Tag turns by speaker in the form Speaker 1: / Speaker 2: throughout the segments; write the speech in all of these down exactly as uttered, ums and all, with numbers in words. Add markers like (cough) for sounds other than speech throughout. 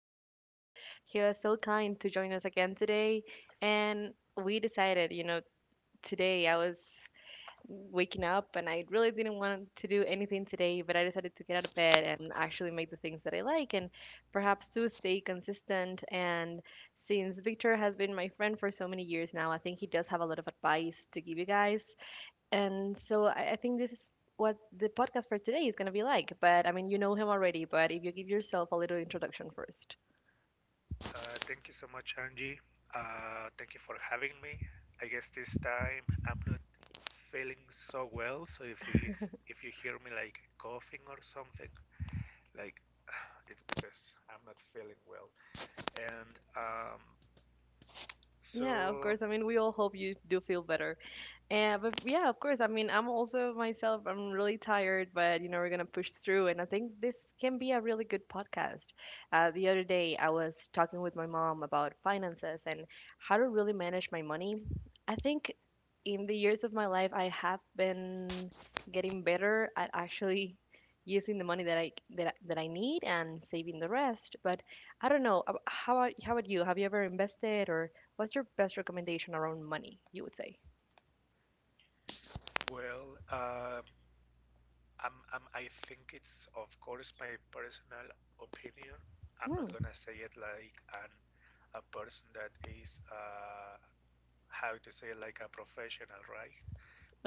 Speaker 1: friend Victor. He was so kind to join us again today, and we decided, you know, today I was waking up and I really didn't want to do anything today, but I decided to get out of bed and actually make the things that I like and perhaps to stay consistent. And since Victor has been my friend for so many years now, I think he does have a lot of advice to give you guys. And so I, I think this is what the podcast for today is going to be like. But I mean, you know him already, but if you give yourself a little introduction first.
Speaker 2: Uh, thank you so much, Angie. Uh, thank you for having me. I guess this time I'm not feeling so well, so if you if, if you hear me like coughing or something, like (sighs) it's because I'm not feeling well. And um,
Speaker 1: Yeah, of
Speaker 2: so
Speaker 1: course. I mean, we all hope you do feel better. Yeah, but yeah, of course. I mean, I'm also myself, I'm really tired, but you know, we're gonna push through. And I think this can be a really good podcast. Uh, the other day, I was talking with my mom about finances and how to really manage my money. I think in the years of my life, I have been getting better at actually using the money that I that, I- that I need and saving the rest. But I don't know, ab- how about, how about you? Have you ever invested or what's your best recommendation around money, you would say?
Speaker 2: well, um I'm, I'm I think it's, of course, my personal opinion. I'm not gonna say it like an a person that is uh, how to say, like a professional, right?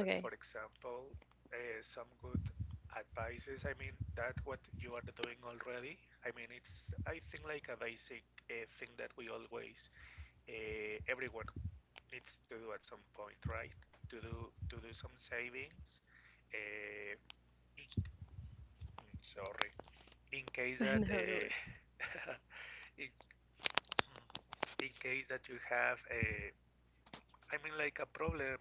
Speaker 2: But for example, uh, some good advices. I mean, that what you are doing already. I mean, it's, I think, like a basic uh, thing that we always uh, everyone needs to do at some point, right? To do to do some savings. Uh, Sorry, in case
Speaker 1: (laughs) I
Speaker 2: that
Speaker 1: know, don't worry.
Speaker 2: uh, (laughs) in, in case that you have a, I mean, like a problem.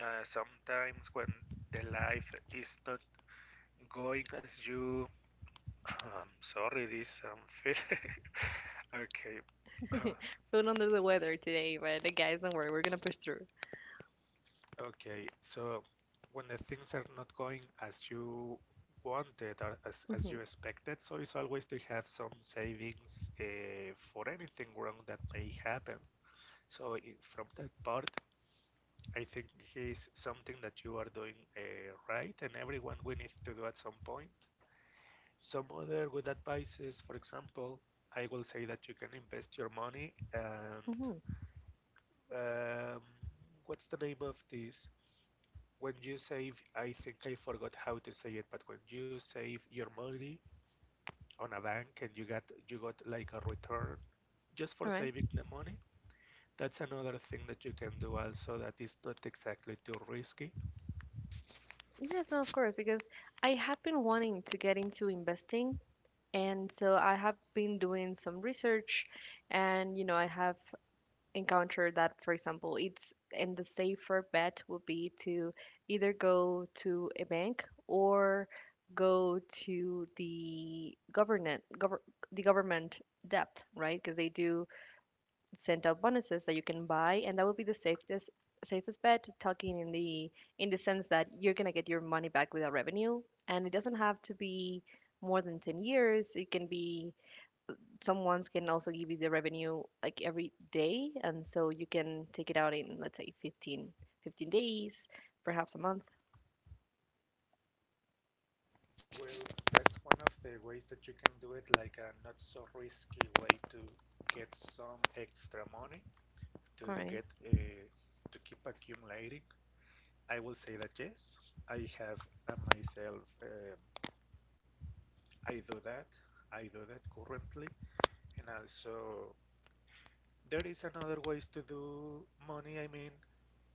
Speaker 2: Uh, sometimes when the life is not going as you I'm sorry, this um feel. (laughs) Okay, uh,
Speaker 1: (laughs) Feeling under the weather today, but the guys, don't worry, we're gonna push through.
Speaker 2: okay. So when the things are not going as you wanted or as as you
Speaker 1: Hmm.
Speaker 2: expected, so it's always to have some savings uh, for anything wrong that may happen. So i- from that part, I think, is something that you are doing, uh, right, and everyone, we need to do at some point. Some other good advice is, for example, I will say that you can invest your money and
Speaker 1: Hmm.
Speaker 2: Um, what's the name of this? When you save, I think I forgot how to say it, but when you save your money on a bank and you got you got like a return just for
Speaker 1: All right.
Speaker 2: saving the money, that's another thing that you can do also that is not exactly too risky.
Speaker 1: Yes, no, of course, because I have been wanting to get into investing, and so I have been doing some research, and you know, I have encountered that, for example, it's and the safer bet would be to either go to a bank or go to the government, gov the government debt, right? Because they do sent out bonuses that you can buy, and that would be the safest safest bet. Talking in the in the sense that you're gonna get your money back without revenue, and it doesn't have to be more than ten years. It can be someone's can also give you the revenue like every day, and so you can take it out in let's say fifteen fifteen days, perhaps a month.
Speaker 2: Well, that's one of the ways that you can do it, like a not so risky way to get some extra money to
Speaker 1: All right.
Speaker 2: get, uh, to keep accumulating. I will say that yes, I have uh, myself, um I do that. I do that currently, and also there is another ways to do money. I mean,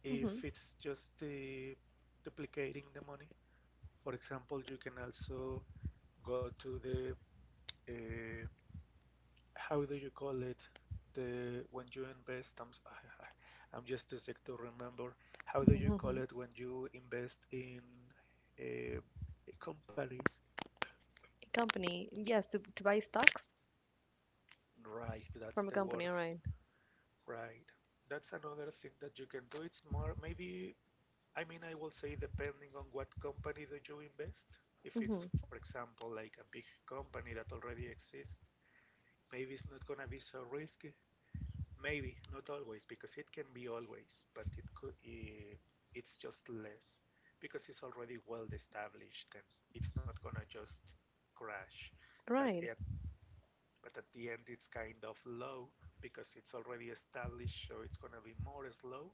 Speaker 2: if
Speaker 1: Mm-hmm.
Speaker 2: it's just uh, duplicating the money, for example, you can also go to the uh, how do you call it, the when you invest. I'm (laughs) s- I'm just too sick to remember. How do you call
Speaker 1: (laughs)
Speaker 2: it when you invest in uh, companies?
Speaker 1: A company, yes, to to buy stocks
Speaker 2: Right, that's
Speaker 1: from a
Speaker 2: the
Speaker 1: company.
Speaker 2: word.
Speaker 1: All right.
Speaker 2: Right. That's another thing that you can do. It's more, maybe, I mean, I will say depending on what company do you invest. If
Speaker 1: Mm-hmm.
Speaker 2: it's, for example, like a big company that already exists, maybe it's not gonna be so risky. Maybe, not always, because it can be always, but it could, eh, it's just less because it's already well established, and it's not gonna just crash. But
Speaker 1: Right.
Speaker 2: at but at the end, it's kind of low because it's already established, so it's going to be more slow,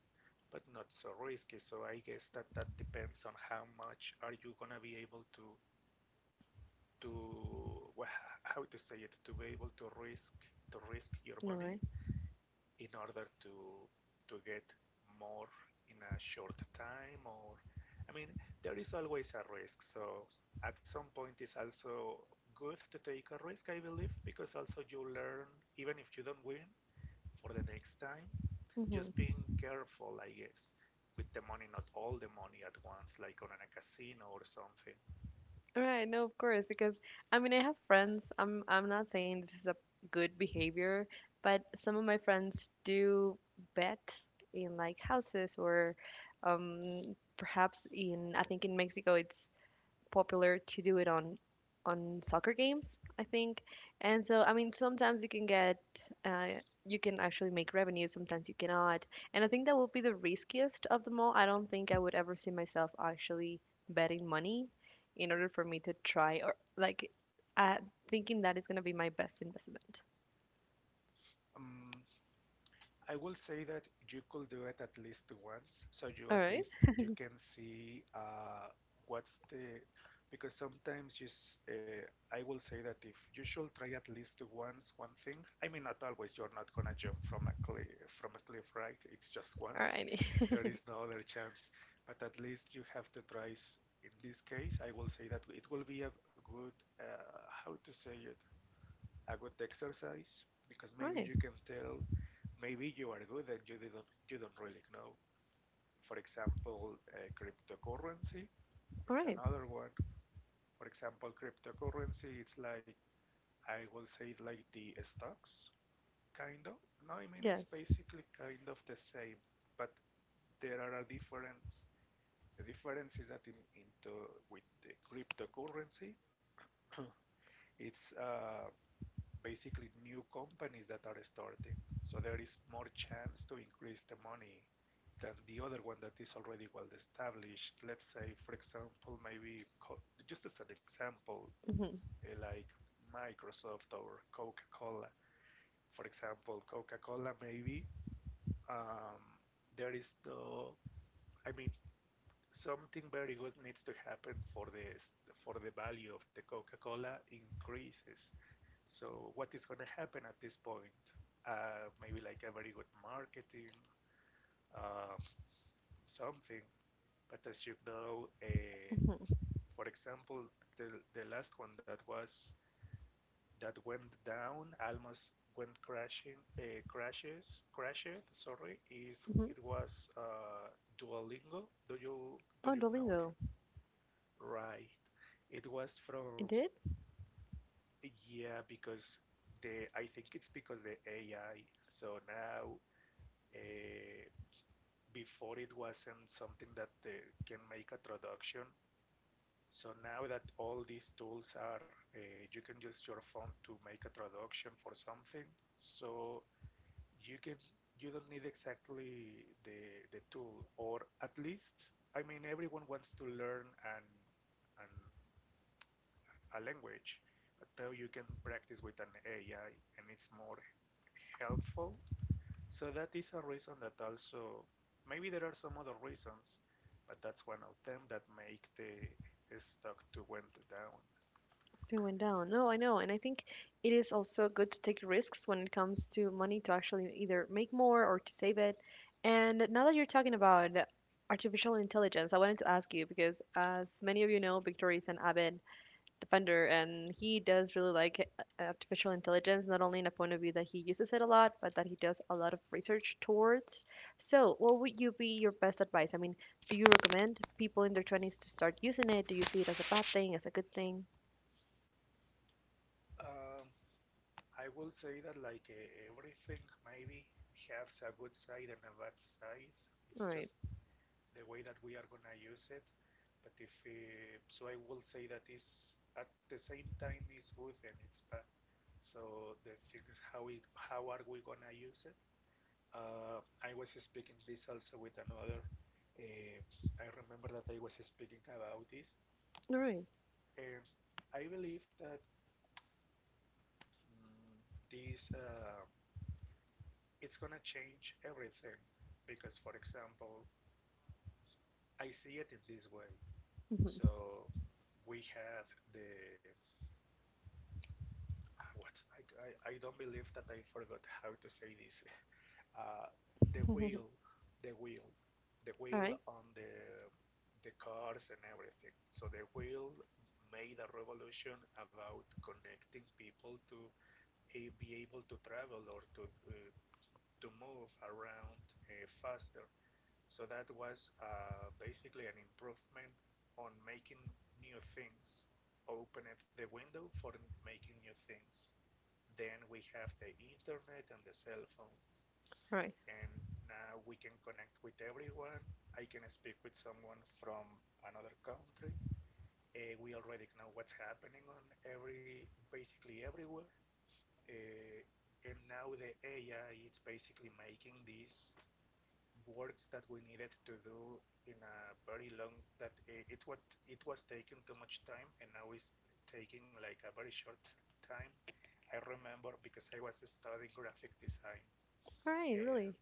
Speaker 2: but not so risky. So I guess that that depends on how much are you going to be able to to wha- how to say it, to be able to risk to risk your
Speaker 1: All right. All
Speaker 2: money
Speaker 1: right.
Speaker 2: in order to to get more in a short time, or I mean, there is always a risk. So at some point it's also good to take a risk, I believe, because also you learn, even if you don't win, for the next time,
Speaker 1: Mhm.
Speaker 2: just being careful, I guess, with the money, not all the money at once, like on a casino or something.
Speaker 1: Right, no, of course, because I mean, I have friends. I'm I'm not saying this is a good behavior, but some of my friends do bet in like houses or um perhaps in, I think, in Mexico it's popular to do it on on soccer games, I think. And so, I mean, sometimes you can get uh, you can actually make revenue, sometimes you cannot. And I think that would be the riskiest of them all. I don't think I would ever see myself actually betting money in order for me to try or like uh, thinking that is going to be my best investment.
Speaker 2: Um, I will say that you could do it at least once, so you
Speaker 1: All
Speaker 2: at
Speaker 1: right.
Speaker 2: least you can see, uh, what's the, because sometimes you uh, I will say that if you should try at least once one thing. I mean, not always. You're not gonna jump from a cliff from a cliff, right? It's just
Speaker 1: All
Speaker 2: once.
Speaker 1: righty.
Speaker 2: (laughs) There is no other chance. But at least you have to try. In this case, I will say that it will be a good, uh, how to say it, a good exercise, because
Speaker 1: All
Speaker 2: maybe
Speaker 1: right.
Speaker 2: you can tell, maybe you are good and you didn't you don't really know. For example, uh, cryptocurrency,
Speaker 1: All
Speaker 2: it's
Speaker 1: right.
Speaker 2: another one. For example, cryptocurrency, it's like, I will say it like the stocks, kind of. No, I mean, it's
Speaker 1: Yes.
Speaker 2: basically kind of the same, but there are a difference. The difference is that in, into with the cryptocurrency (coughs) it's, uh, basically new companies that are starting. So there is more chance to increase the money than the other one that is already well established. Let's say, for example, maybe co- just as an example,
Speaker 1: Mm-hmm.
Speaker 2: eh, like Microsoft or Coca Cola. For example, Coca Cola, maybe, um, there is the, I mean, something very good needs to happen for this, for the value of the Coca Cola increases. So what is going to happen at this point? Uh, maybe like a very good marketing, um, something. But as you know, uh,
Speaker 1: Mm-hmm.
Speaker 2: for example, the the last one that was, that went down, almost went crashing, uh, crashes, crashed. Sorry, is it
Speaker 1: Mm-hmm.
Speaker 2: was, uh, Duolingo? Do you do
Speaker 1: Oh,
Speaker 2: you know it?
Speaker 1: Duolingo.
Speaker 2: Right. It was from
Speaker 1: It did?
Speaker 2: yeah, because the, I think it's because the A I. So now, Uh, before it wasn't something that uh, can make a traduction. So now that all these tools are, uh, you can use your phone to make a traduction for something. So you can, you don't need exactly the the tool, or at least, I mean, everyone wants to learn an an a language, but now you can practice with an A I, and it's more helpful. So that is a reason that also, maybe there are some other reasons, but that's one of them that make the stock to went down.
Speaker 1: They went down. No, I know. And I think it is also good to take risks when it comes to money to actually either make more or to save it. And now that you're talking about artificial intelligence, I wanted to ask you because, as many of you know, Victoria is an avid defender and he does really like uh, artificial intelligence, not only in a point of view that he uses it a lot, but that he does a lot of research towards. So, what would you be your best advice? I mean, do you recommend people in their twenties to start using it? Do you see it as a bad thing, as a good thing?
Speaker 2: Um, I will say that, like, uh, everything maybe has a good side and a bad side.
Speaker 1: All
Speaker 2: It's
Speaker 1: right.
Speaker 2: just the way that we are gonna use it. But if uh, so, I will say that is, at the same time, is good and it's bad. So the things, how it, how are we gonna use it? Uh, I was speaking this also with another. Uh, I remember that I was speaking about this,
Speaker 1: All right.
Speaker 2: and I believe that, mm, this uh, it's gonna change everything because, for example, I see it in this way.
Speaker 1: (laughs)
Speaker 2: So we have the what I, I, I don't believe that I forgot how to say this, uh, the
Speaker 1: All
Speaker 2: wheel, the wheel, the wheel
Speaker 1: right.
Speaker 2: on the the cars, and everything. So the wheel made a revolution about connecting people to, eh, be able to travel or to, uh, to move around uh, faster. So that was, uh, basically an improvement on making new things. Opened the window for making new things. Then we have the internet and the cell phones,
Speaker 1: All right.
Speaker 2: and now we can connect with everyone. I can speak with someone from another country. Uh, we already know what's happening on every, basically everywhere. Uh, and now the A I, it's basically making these works that we needed to do in a very long that it, it was, it was taking too much time, and now it's taking like a very short time. I remember because I was studying graphic design,
Speaker 1: All right.
Speaker 2: and
Speaker 1: Really.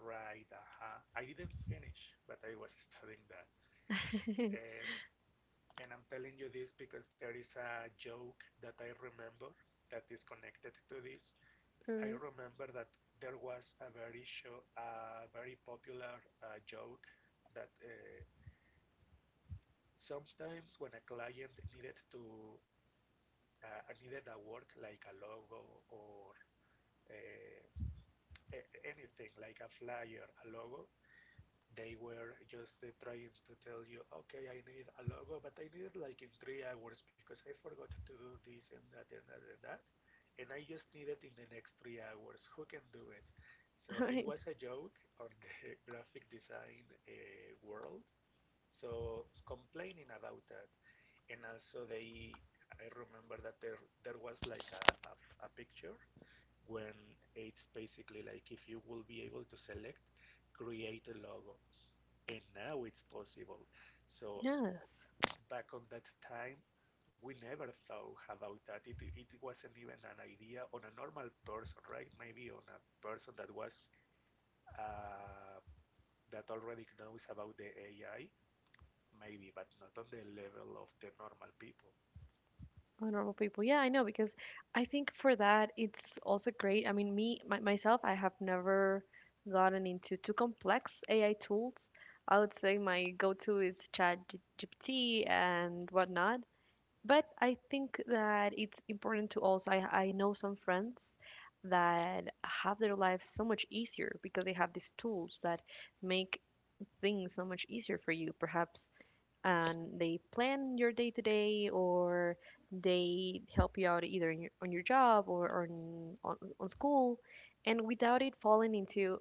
Speaker 2: Right, uh-huh. I didn't finish, but I was studying that.
Speaker 1: (laughs)
Speaker 2: And and I'm telling you this because there is a joke that I remember that is connected to this.
Speaker 1: All
Speaker 2: I
Speaker 1: right.
Speaker 2: remember that there was a very show, a very popular, uh, joke that, uh, sometimes when a client needed to, uh, needed a work like a logo, or uh, a- anything, like a flyer, a logo, they were just, uh, trying to tell you, okay, I need a logo, but I need it like in three hours, because I forgot to do this and that and that and that. And I just need it in the next three hours. Who can do it?
Speaker 1: All
Speaker 2: So it
Speaker 1: right.
Speaker 2: was a joke on the (laughs) graphic design, uh, world. So complaining about that. And also they, I remember that there there was like a a a picture when it's basically like if you will be able to select create a logo, and now it's possible. So
Speaker 1: Yes.
Speaker 2: back on that time, we never thought about that. It, it wasn't even an idea on a normal person, right? Maybe on a person that was, uh, that already knows about the A I, maybe, but not on the level of the normal people.
Speaker 1: Honorable people. Yeah, I know because I think for that it's also great. I mean, me my, myself, I have never gotten into too complex A I tools. I would say my go-to is ChatGPT and whatnot. But I think that it's important to also. I I know some friends that have their lives so much easier because they have these tools that make things so much easier for you perhaps and they plan your day to day or they help you out either in your, on your job or, or on, on, on school and without it falling into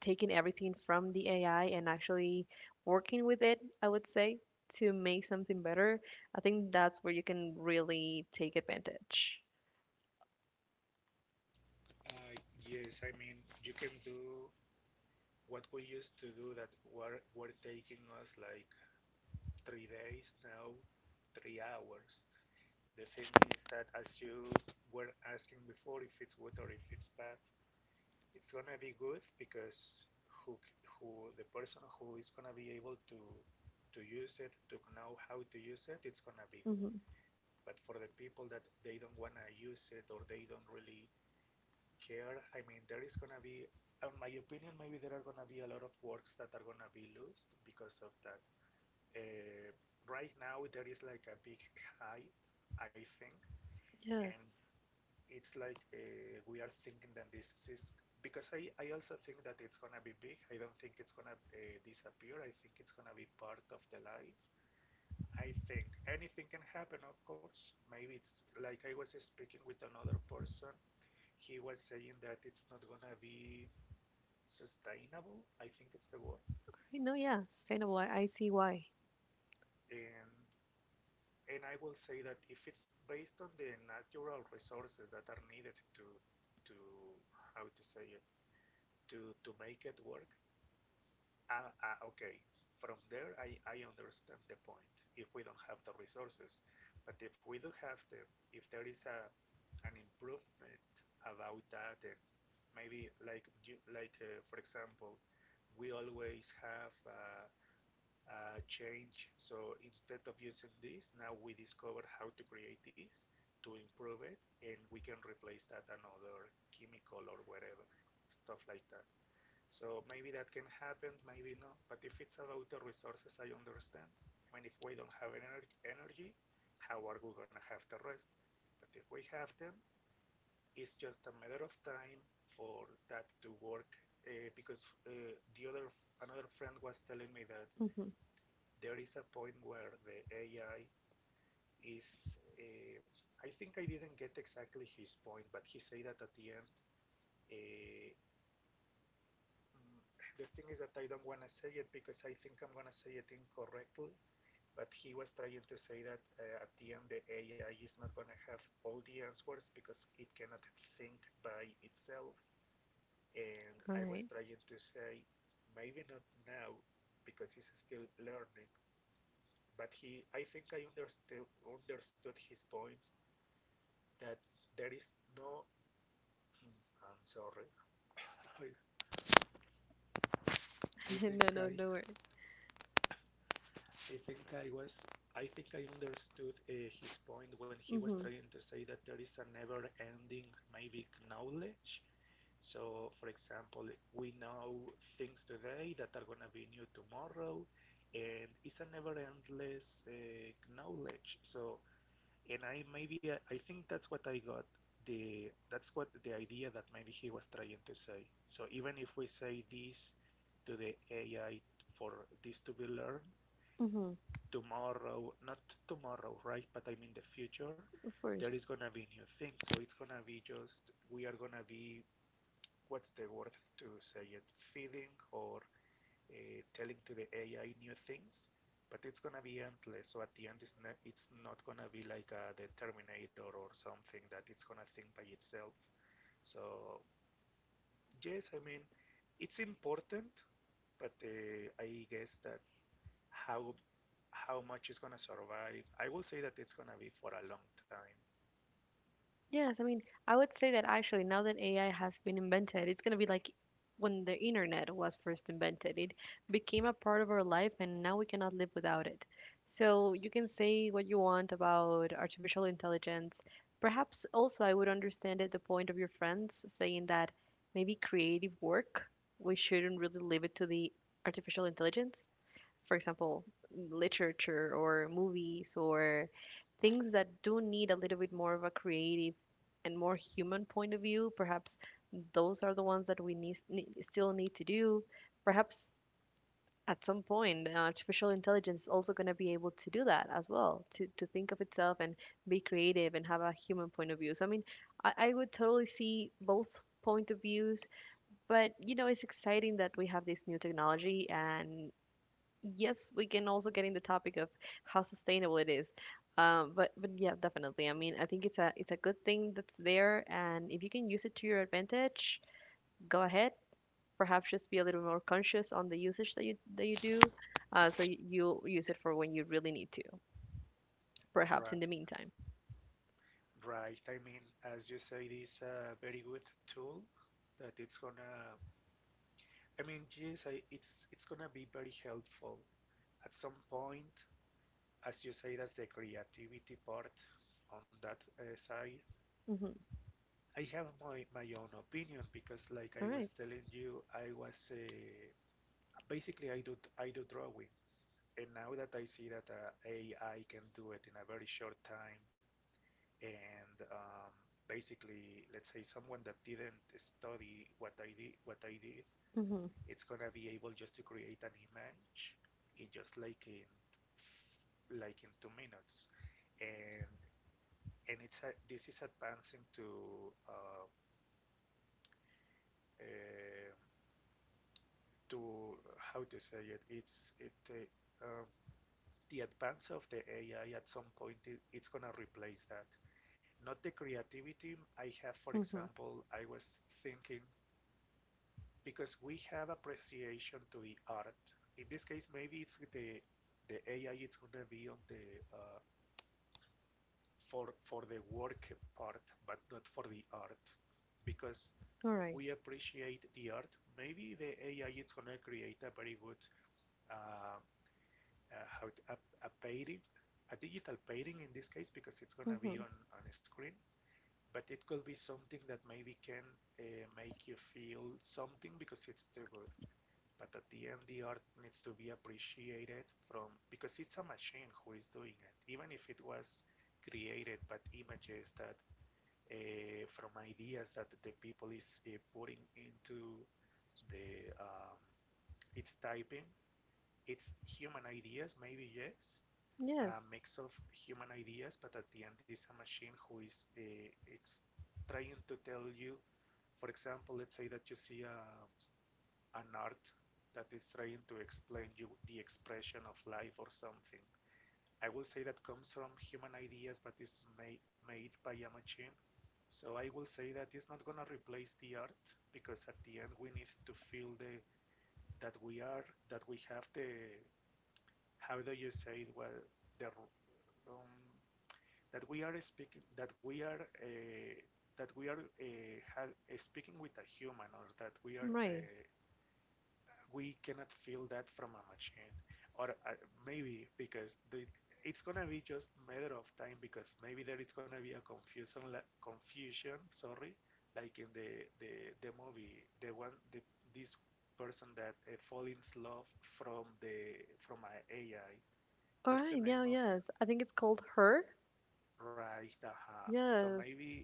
Speaker 1: taking everything from the ai and actually working with it I would say to make something better I think that's where you can really take advantage.
Speaker 2: Uh, yes, I mean, you can do what we used to do that were, were taking us like three days, now three hours. The thing is that, as you were asking before, if it's good or if it's bad, it's gonna be good because who who the person who is gonna be able to to use it, to know how to use it, it's gonna be good.
Speaker 1: Hmm.
Speaker 2: But for the people that they don't wanna use it or they don't really care, I mean, there is gonna be, in my opinion, maybe there are gonna be a lot of works that are gonna be lost because of that. Uh, right now, there is like a big hype, I think,
Speaker 1: Yes.
Speaker 2: and it's like uh, we are thinking that this is because I, I also think that it's gonna be big. I don't think it's gonna uh, disappear. I think it's gonna be part of the life. I think anything can happen, of course. Maybe it's like I was speaking with another person. He was saying that it's not gonna be sustainable. I think it's the word.
Speaker 1: Right, no yeah sustainable, i, I see why.
Speaker 2: And and I will say that if it's based on the natural resources that are needed to to how to say it to to make it work. Ah, ah, okay. From there, I, I understand the point. If we don't have the resources, but if we do have them, if there is a an improvement about that, and maybe like you, like uh, for example, we always have uh, a change. So instead of using this, now we discover how to create this to improve it, and we can replace that another chemical or whatever stuff like that. So maybe that can happen, maybe not. But if it's about the resources, I understand. I mean, if we don't have ener- energy, how are we gonna have the rest? But if we have them, it's just a matter of time for that to work. Uh, because uh, the other Another friend was telling me that
Speaker 1: Mhm.
Speaker 2: there is a point where the A I is. Uh, I think I didn't get exactly his point, but he said that at the end, uh, Mm, the thing is that I don't want to say it because I think I'm going to say it incorrectly. But he was trying to say that uh, at the end the A I is not going to have all the answers because it cannot think by itself. And
Speaker 1: All
Speaker 2: I was
Speaker 1: right.
Speaker 2: trying to say maybe not now because it's still learning. But he, I think I understood understood his point that there is no. Mm, I'm sorry. I, I
Speaker 1: (laughs)
Speaker 2: think
Speaker 1: no no,
Speaker 2: I
Speaker 1: no worry.
Speaker 2: I think I was I think I understood uh, his point when he was
Speaker 1: Mm-hmm.
Speaker 2: trying to say that there is a never-ending maybe knowledge. So, for example, we know things today that are gonna be new tomorrow, and it's a never-endless uh, knowledge. So, and I maybe I, I think that's what I got the that's what the idea that maybe he was trying to say. So even if we say this to the A I for this to be learned,
Speaker 1: Mm-hmm.
Speaker 2: tomorrow, not tomorrow, right? But I mean the future,
Speaker 1: Of
Speaker 2: there
Speaker 1: course.
Speaker 2: is gonna be new things. So it's gonna be just we are gonna be what's the word to say it, feeding or uh, telling to the A I new things, but it's gonna be endless. So at the end, it's not it's not gonna be like uh, the Terminator or something that it's gonna think by itself. So yes, I mean it's important, but uh, I guess that how how much is gonna survive. I will say that it's gonna be for a long time.
Speaker 1: Yes, I mean, I would say that actually now that A I has been invented, it's going to be like when the internet was first invented. It became a part of our life and now we cannot live without it. So you can say what you want about artificial intelligence. Perhaps also I would understand at the point of your friends saying that maybe creative work, we shouldn't really leave it to the artificial intelligence, for example, literature or movies or things that do need a little bit more of a creative and more human point of view. Perhaps those are the ones that we need, need still need to do. Perhaps at some point, uh, artificial intelligence is also going to be able to do that as well, to, to think of itself and be creative and have a human point of view. So, I mean, I, I would totally see both point of views, but you know it's exciting that we have this new technology and yes, we can also get in the topic of how sustainable it is. Um, but but yeah, definitely. I mean, I think it's a it's a good thing that's there, and if you can use it to your advantage, go ahead. Perhaps just be a little more conscious on the usage that you that you do, uh, so you, you'll use it for when you really need to. Perhaps
Speaker 2: Right,
Speaker 1: in the meantime.
Speaker 2: right. I mean, as you say, it is a very good tool that it's gonna. I mean, yes, I, it's it's gonna be very helpful at some point. As you say, that's the creativity part on that uh, side.
Speaker 1: Mm-hmm.
Speaker 2: I have my my own opinion because, like I
Speaker 1: All
Speaker 2: was
Speaker 1: right.
Speaker 2: telling you, I was uh, basically, I do I do drawings, and now that I see that uh, A I can do it in a very short time, and um, basically, let's say someone that didn't study what I did, what I did,
Speaker 1: Mm-hmm.
Speaker 2: it's gonna be able just to create an image in just like in like in two minutes, and and it's a, this is advancing to uh, uh, to how to say it. It's it. Uh, um, the advance of the A I at some point it, it's gonna replace that. Not the creativity I have, for
Speaker 1: Mm-hmm.
Speaker 2: example, I was thinking because we have appreciation to the art. In this case, maybe it's the the A I it's gonna be on the uh, for for the work part, but not for the art because
Speaker 1: All right.
Speaker 2: we appreciate the art. Maybe the A I it's gonna create a very good uh, uh, how to, a, a painting, a digital painting in this case, because it's gonna be
Speaker 1: Mm-hmm.
Speaker 2: on on a screen. But it could be something that maybe can uh, make you feel something because it's too good. But at the end, the art needs to be appreciated from because it's a machine who is doing it. Even if it was created, but images that uh, from ideas that the people is uh, putting into the um, it's typing it's human ideas maybe yes a
Speaker 1: Yes.
Speaker 2: mix of human ideas, but at the end is a machine who is uh, ex trying to tell you, for example, let's say that you see a, an art that is trying to explain you the expression of life or something. I will say that comes from human ideas, but is ma- made by a machine. So I will say that it's not gonna replace the art because at the end we need to feel the that we are that we have the how do you say it well the um, that we are speaking that we are uh, that we are uh, have, uh, speaking with a human or that we are
Speaker 1: Right.
Speaker 2: uh, we cannot feel that from a machine or uh, maybe because the it's gonna be just matter of time because maybe there is gonna be a confusion la- confusion, sorry, like in the the, the movie the one the this person that uh, fall in love from the from an A I.
Speaker 1: All
Speaker 2: What's the
Speaker 1: right.
Speaker 2: name
Speaker 1: Yeah.
Speaker 2: of?
Speaker 1: Yes. I think it's called her.
Speaker 2: Right, uh so
Speaker 1: Yes.
Speaker 2: maybe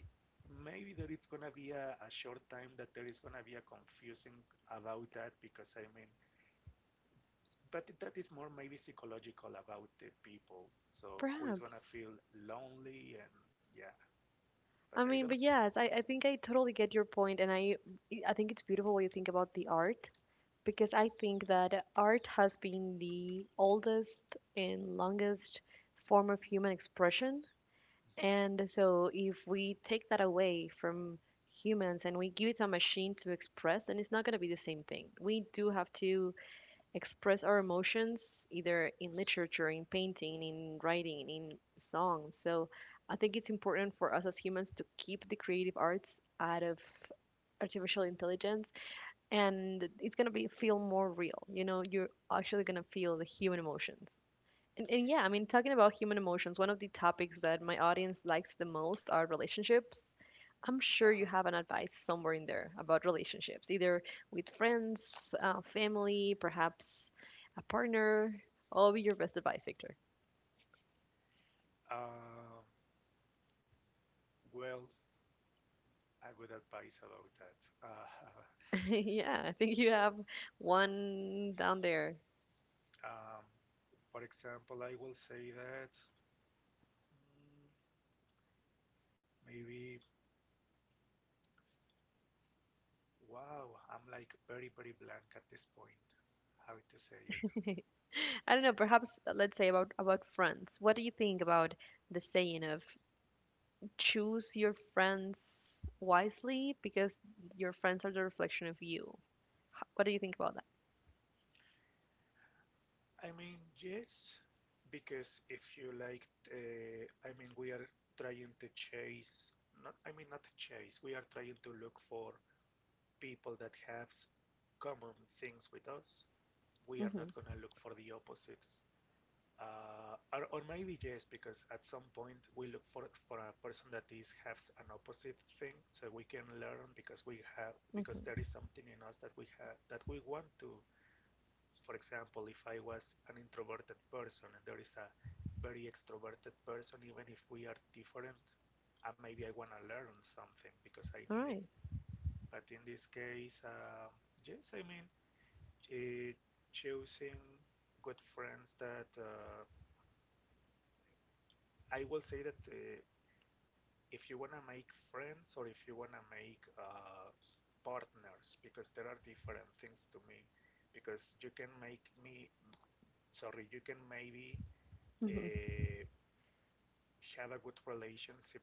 Speaker 2: maybe there is gonna be a, a short time that there is gonna be a confusing about that because I mean, but that is more maybe psychological about the people. So who is gonna
Speaker 1: Perhaps.
Speaker 2: feel lonely and yeah, but
Speaker 1: I
Speaker 2: I
Speaker 1: mean,
Speaker 2: don't
Speaker 1: but
Speaker 2: think,
Speaker 1: yes, I, I think I totally get your point, and I I think it's beautiful what you think about the art because I think that art has been the oldest and longest form of human expression, and so if we take that away from humans and we give it a machine to express, then it's not going to be the same thing. We do have to express our emotions either in literature, in painting, in writing, in songs. So I think it's important for us as humans to keep the creative arts out of artificial intelligence and it's going to be feel more real. You know, you're actually going to feel the human emotions. And, and yeah, I mean, talking about human emotions, one of the topics that my audience likes the most are relationships. I'm sure
Speaker 2: uh-huh.
Speaker 1: you have an advice somewhere in there about relationships, either with friends, uh, family, perhaps a partner. What would be your best advice, Victor?
Speaker 2: Uh, well, I would advise about that. Uh,
Speaker 1: (laughs) yeah, I think you have one down there.
Speaker 2: (laughs) um, for example, I will say that mm, maybe. Wow, I'm like very, very blank at this point. How to say it?
Speaker 1: I don't know, perhaps uh, let's say about about friends. What do you think about the saying of choose your friends wisely because your friends are the reflection of you? Ho- What do you think about that?
Speaker 2: I mean, yes, because if you like, uh, I mean, we are trying to chase, not, I mean, not chase, we are trying to look for people that have s- common things with us. We are not
Speaker 1: Mm-hmm.
Speaker 2: gonna look for the opposites. uh, or, or maybe yes, because at some point we look for for a person that is has an opposite thing, so we can learn because we have because there
Speaker 1: Mm-hmm.
Speaker 2: is something in us that we have that we want to. For example, if I was an introverted person and there is a very extroverted person, even if we are different, uh, maybe I want to learn something because I
Speaker 1: All
Speaker 2: need it.
Speaker 1: right.
Speaker 2: But in this case, um yes, I mean, uh, choosing good friends that uh, I will say that uh, if you want to make friends or if you want to make uh, partners because there are different things to me because you can make me sorry you can maybe
Speaker 1: Mm-hmm.
Speaker 2: uh, have a good relationship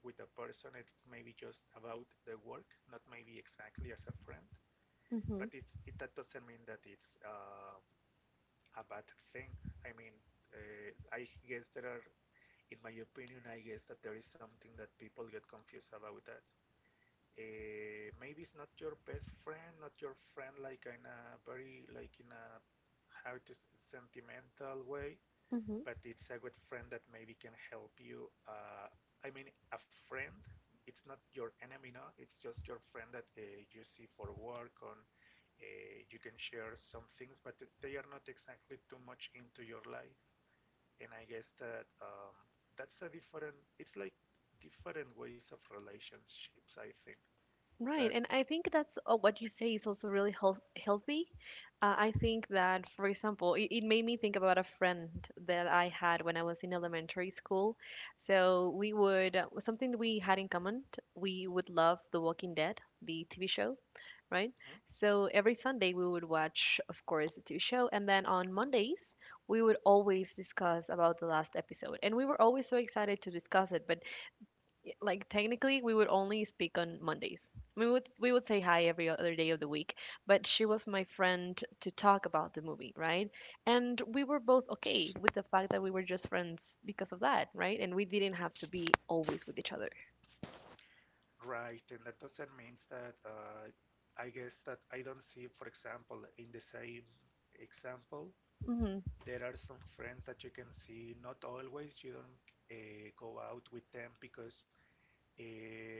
Speaker 2: with a person, it's maybe just about the work, not maybe exactly as a friend,
Speaker 1: Mm-hmm.
Speaker 2: but it's it, that doesn't mean that it's uh, a bad thing. I mean, uh, I guess there are in my opinion I guess that there is something that people get confused about that uh, maybe it's not your best friend, not your friend like in a very like in a how it is sentimental way,
Speaker 1: Mm-hmm.
Speaker 2: but it's a good friend that maybe can help you. Uh, I mean, a friend. It's not your enemy, no. It's just your friend that uh, you see for work on. Uh, you can share some things, but they are not exactly too much into your life. And I guess that um, that's a different. It's like different ways of relationships, I think.
Speaker 1: Right,
Speaker 2: But
Speaker 1: and I think that's uh, what you say is also really health healthy. Uh, I think that, for example, it, it made me think about a friend that I had when I was in elementary school. So we would uh, something that we had in common. t- We would love The Walking Dead, the T V show, right? So every Sunday we would watch, of course, the T V show, and then on Mondays we would always discuss about the last episode, and we were always so excited to discuss it. But y- like technically, we would only speak on Mondays. We would we would say hi every other day of the week, but she was my friend to talk about the movie, right? And we were both okay with the fact that we were just friends because of that, right? And we didn't have to be always with each other.
Speaker 2: right, and that doesn't mean that uh, I guess that I don't see, for example, in the same example,
Speaker 1: Hmm.
Speaker 2: there are some friends that you can see, not always, you don't uh, go out with them because uh,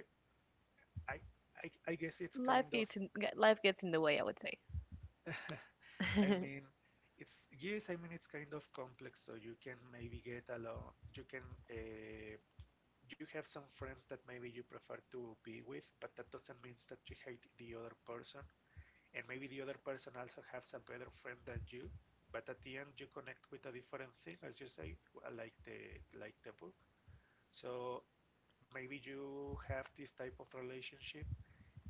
Speaker 2: I, I, I guess it's
Speaker 1: Life
Speaker 2: kind of,
Speaker 1: gets in, ge- life gets in the way, I would say.
Speaker 2: (laughs) I mean,
Speaker 1: (laughs)
Speaker 2: it's, yes, I mean, it's kind of complex, so you can maybe get along, you can, uh, you have some friends that maybe you prefer to be with, but that doesn't mean that you hate the other person, and maybe the other person also has a better friend than you, but at the end you connect with a different thing as you say, like the like the book. So maybe you have this type of relationship,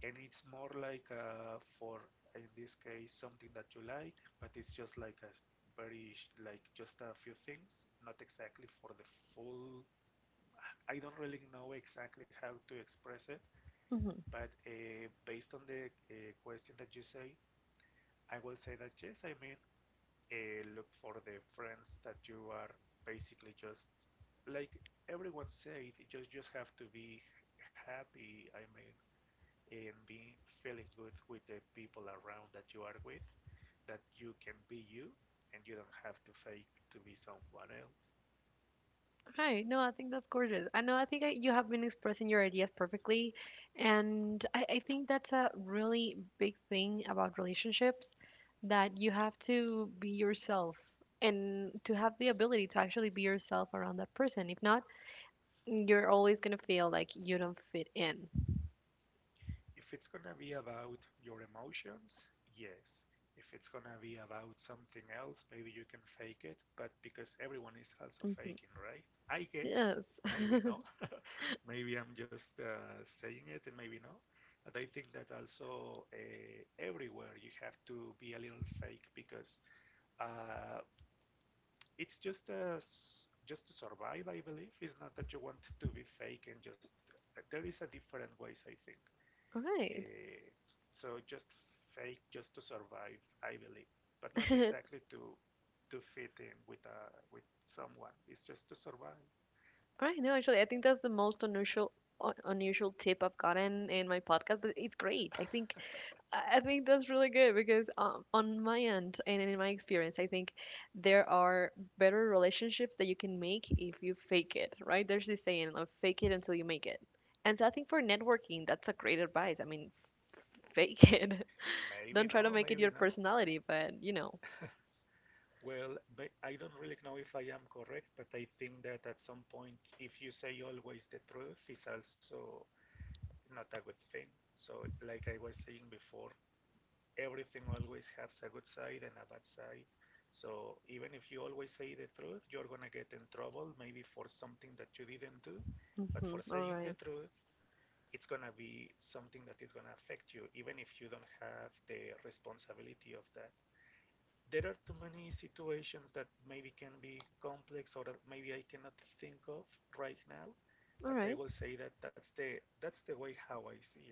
Speaker 2: and it's more like uh, for in this case something that you like, but it's just like a very like just a few things, not exactly for the full. I don't really know exactly how to express it,
Speaker 1: Mhm.
Speaker 2: but uh, based on the uh, question that you say, I will say that yes, I mean, uh, look for the friends that you are basically just like everyone said, you just just have to be happy. I mean, and being feeling good with the people around that you are with, that you can be you and you don't have to fake to be someone else.
Speaker 1: Right. No, I think that's gorgeous. I know. I think I, you have been expressing your ideas perfectly, and I, I think that's a really big thing about relationships that you have to be yourself and to have the ability to actually be yourself around that person. If not, you're always gonna feel like you don't fit in.
Speaker 2: If it's gonna be about your emotions, yes. If it's gonna be about something else, maybe you can fake it, but because everyone is also
Speaker 1: Hmm.
Speaker 2: faking, right, I guess
Speaker 1: Yes. (laughs)
Speaker 2: maybe not. Maybe I'm just uh, saying it, and maybe no. But I think that also uh, everywhere you have to be a little fake because uh, it's just a s just to survive, I believe. It's not that you want to be fake and just there is a different ways, I think.
Speaker 1: All right.
Speaker 2: Uh, so just fake just to survive, I believe, but not
Speaker 1: (laughs) All
Speaker 2: exactly to to fit in with uh, with someone. It's just to survive.
Speaker 1: right. No, actually, I think that's the most unusual un- unusual tip I've gotten in my podcast, but it's great. I
Speaker 2: (laughs)
Speaker 1: think I think that's really good because um, on my end and in my experience, I think there are better relationships that you can make if you fake it, right? There's this saying of fake it until you make it. And so I think for networking, that's a great advice. I mean, fake (laughs) it.
Speaker 2: Maybe
Speaker 1: Don't try to
Speaker 2: no,
Speaker 1: make it
Speaker 2: maybe
Speaker 1: your
Speaker 2: no.
Speaker 1: personality, but you know.
Speaker 2: Well, but I don't really know if I am correct, but I think that at some point, if you say always the truth, is also not a good thing. So, like I was saying before, everything always has a good side and a bad side. So, even if you always say the truth, you're gonna get in trouble, maybe for something that you didn't do. But
Speaker 1: Mhm.
Speaker 2: for
Speaker 1: All
Speaker 2: saying the
Speaker 1: right.
Speaker 2: truth, it's gonna be something that is gonna affect you, even if you don't have the responsibility of that. There are too many situations that maybe can be complex or that maybe I cannot think of right now,
Speaker 1: All
Speaker 2: but I
Speaker 1: right.
Speaker 2: will say that that's the that's the way how I see it.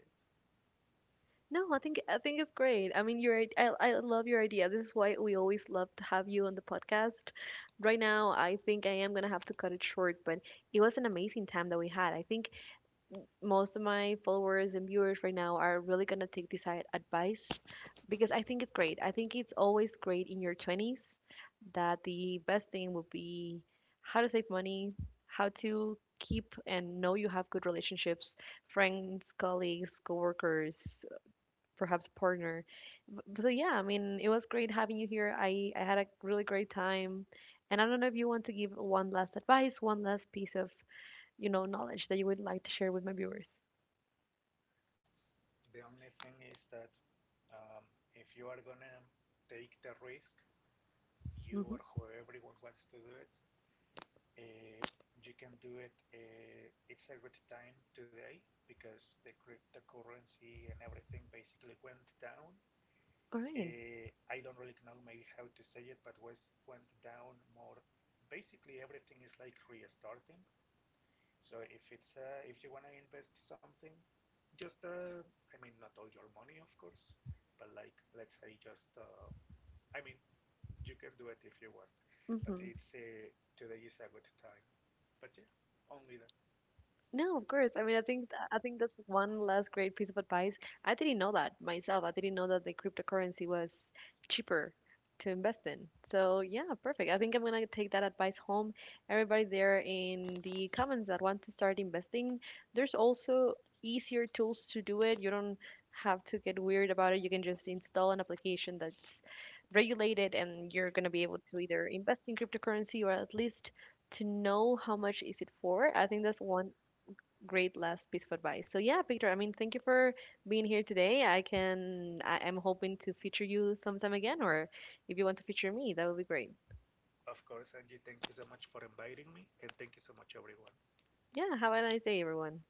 Speaker 1: No, I think I think it's great. I mean, your I I love your idea. This is why we always love to have you on the podcast. Right now, I think I am gonna have to cut it short, but it was an amazing time that we had. I think most of my followers and viewers right now are really gonna take this i- advice because I think it's great. I think it's always great in your twenties that the best thing would be how to save money, how to keep and know you have good relationships, friends, colleagues, coworkers, perhaps partner. B- So yeah, I mean, it was great having you here. I I had a really great time. And I don't know if you want to give one last advice, one last piece of, you know, knowledge that you would like to share with my viewers.
Speaker 2: The only thing is that um, if you are gonna take the risk, you or
Speaker 1: Mhm.
Speaker 2: whoever wants to do it, uh, you can do it. Uh, it's a good time today because the cryptocurrency and everything basically went down.
Speaker 1: All right.
Speaker 2: Uh, I don't really know maybe how to say it, but was went down more. Basically, everything is like restarting. So if it's uh, if you want to invest something, just uh, I mean not all your money, of course, but like let's say just uh, I mean you can do it if you want, but
Speaker 1: Mhm.
Speaker 2: it's uh, today is a good time. But yeah, only that.
Speaker 1: No, of course. I mean, I think I think that's one last great piece of advice. I didn't know that myself. I didn't know that the cryptocurrency was cheaper to invest in. So yeah, perfect. I think I'm gonna take that advice home. Everybody there in the comments that want to start investing, there's also easier tools to do it. You don't have to get weird about it. You can just install an application that's regulated, and you're gonna be able to either invest in cryptocurrency or at least to know how much is it for. I think that's one great last piece of advice. So yeah, Peter, I mean, thank you for being here today. I can, I, I'm hoping to feature you sometime again, or if you want to feature me, that would be great.
Speaker 2: Of course, Angie, thank you so much for inviting me, and thank you so much, everyone.
Speaker 1: Yeah, have a nice day, everyone.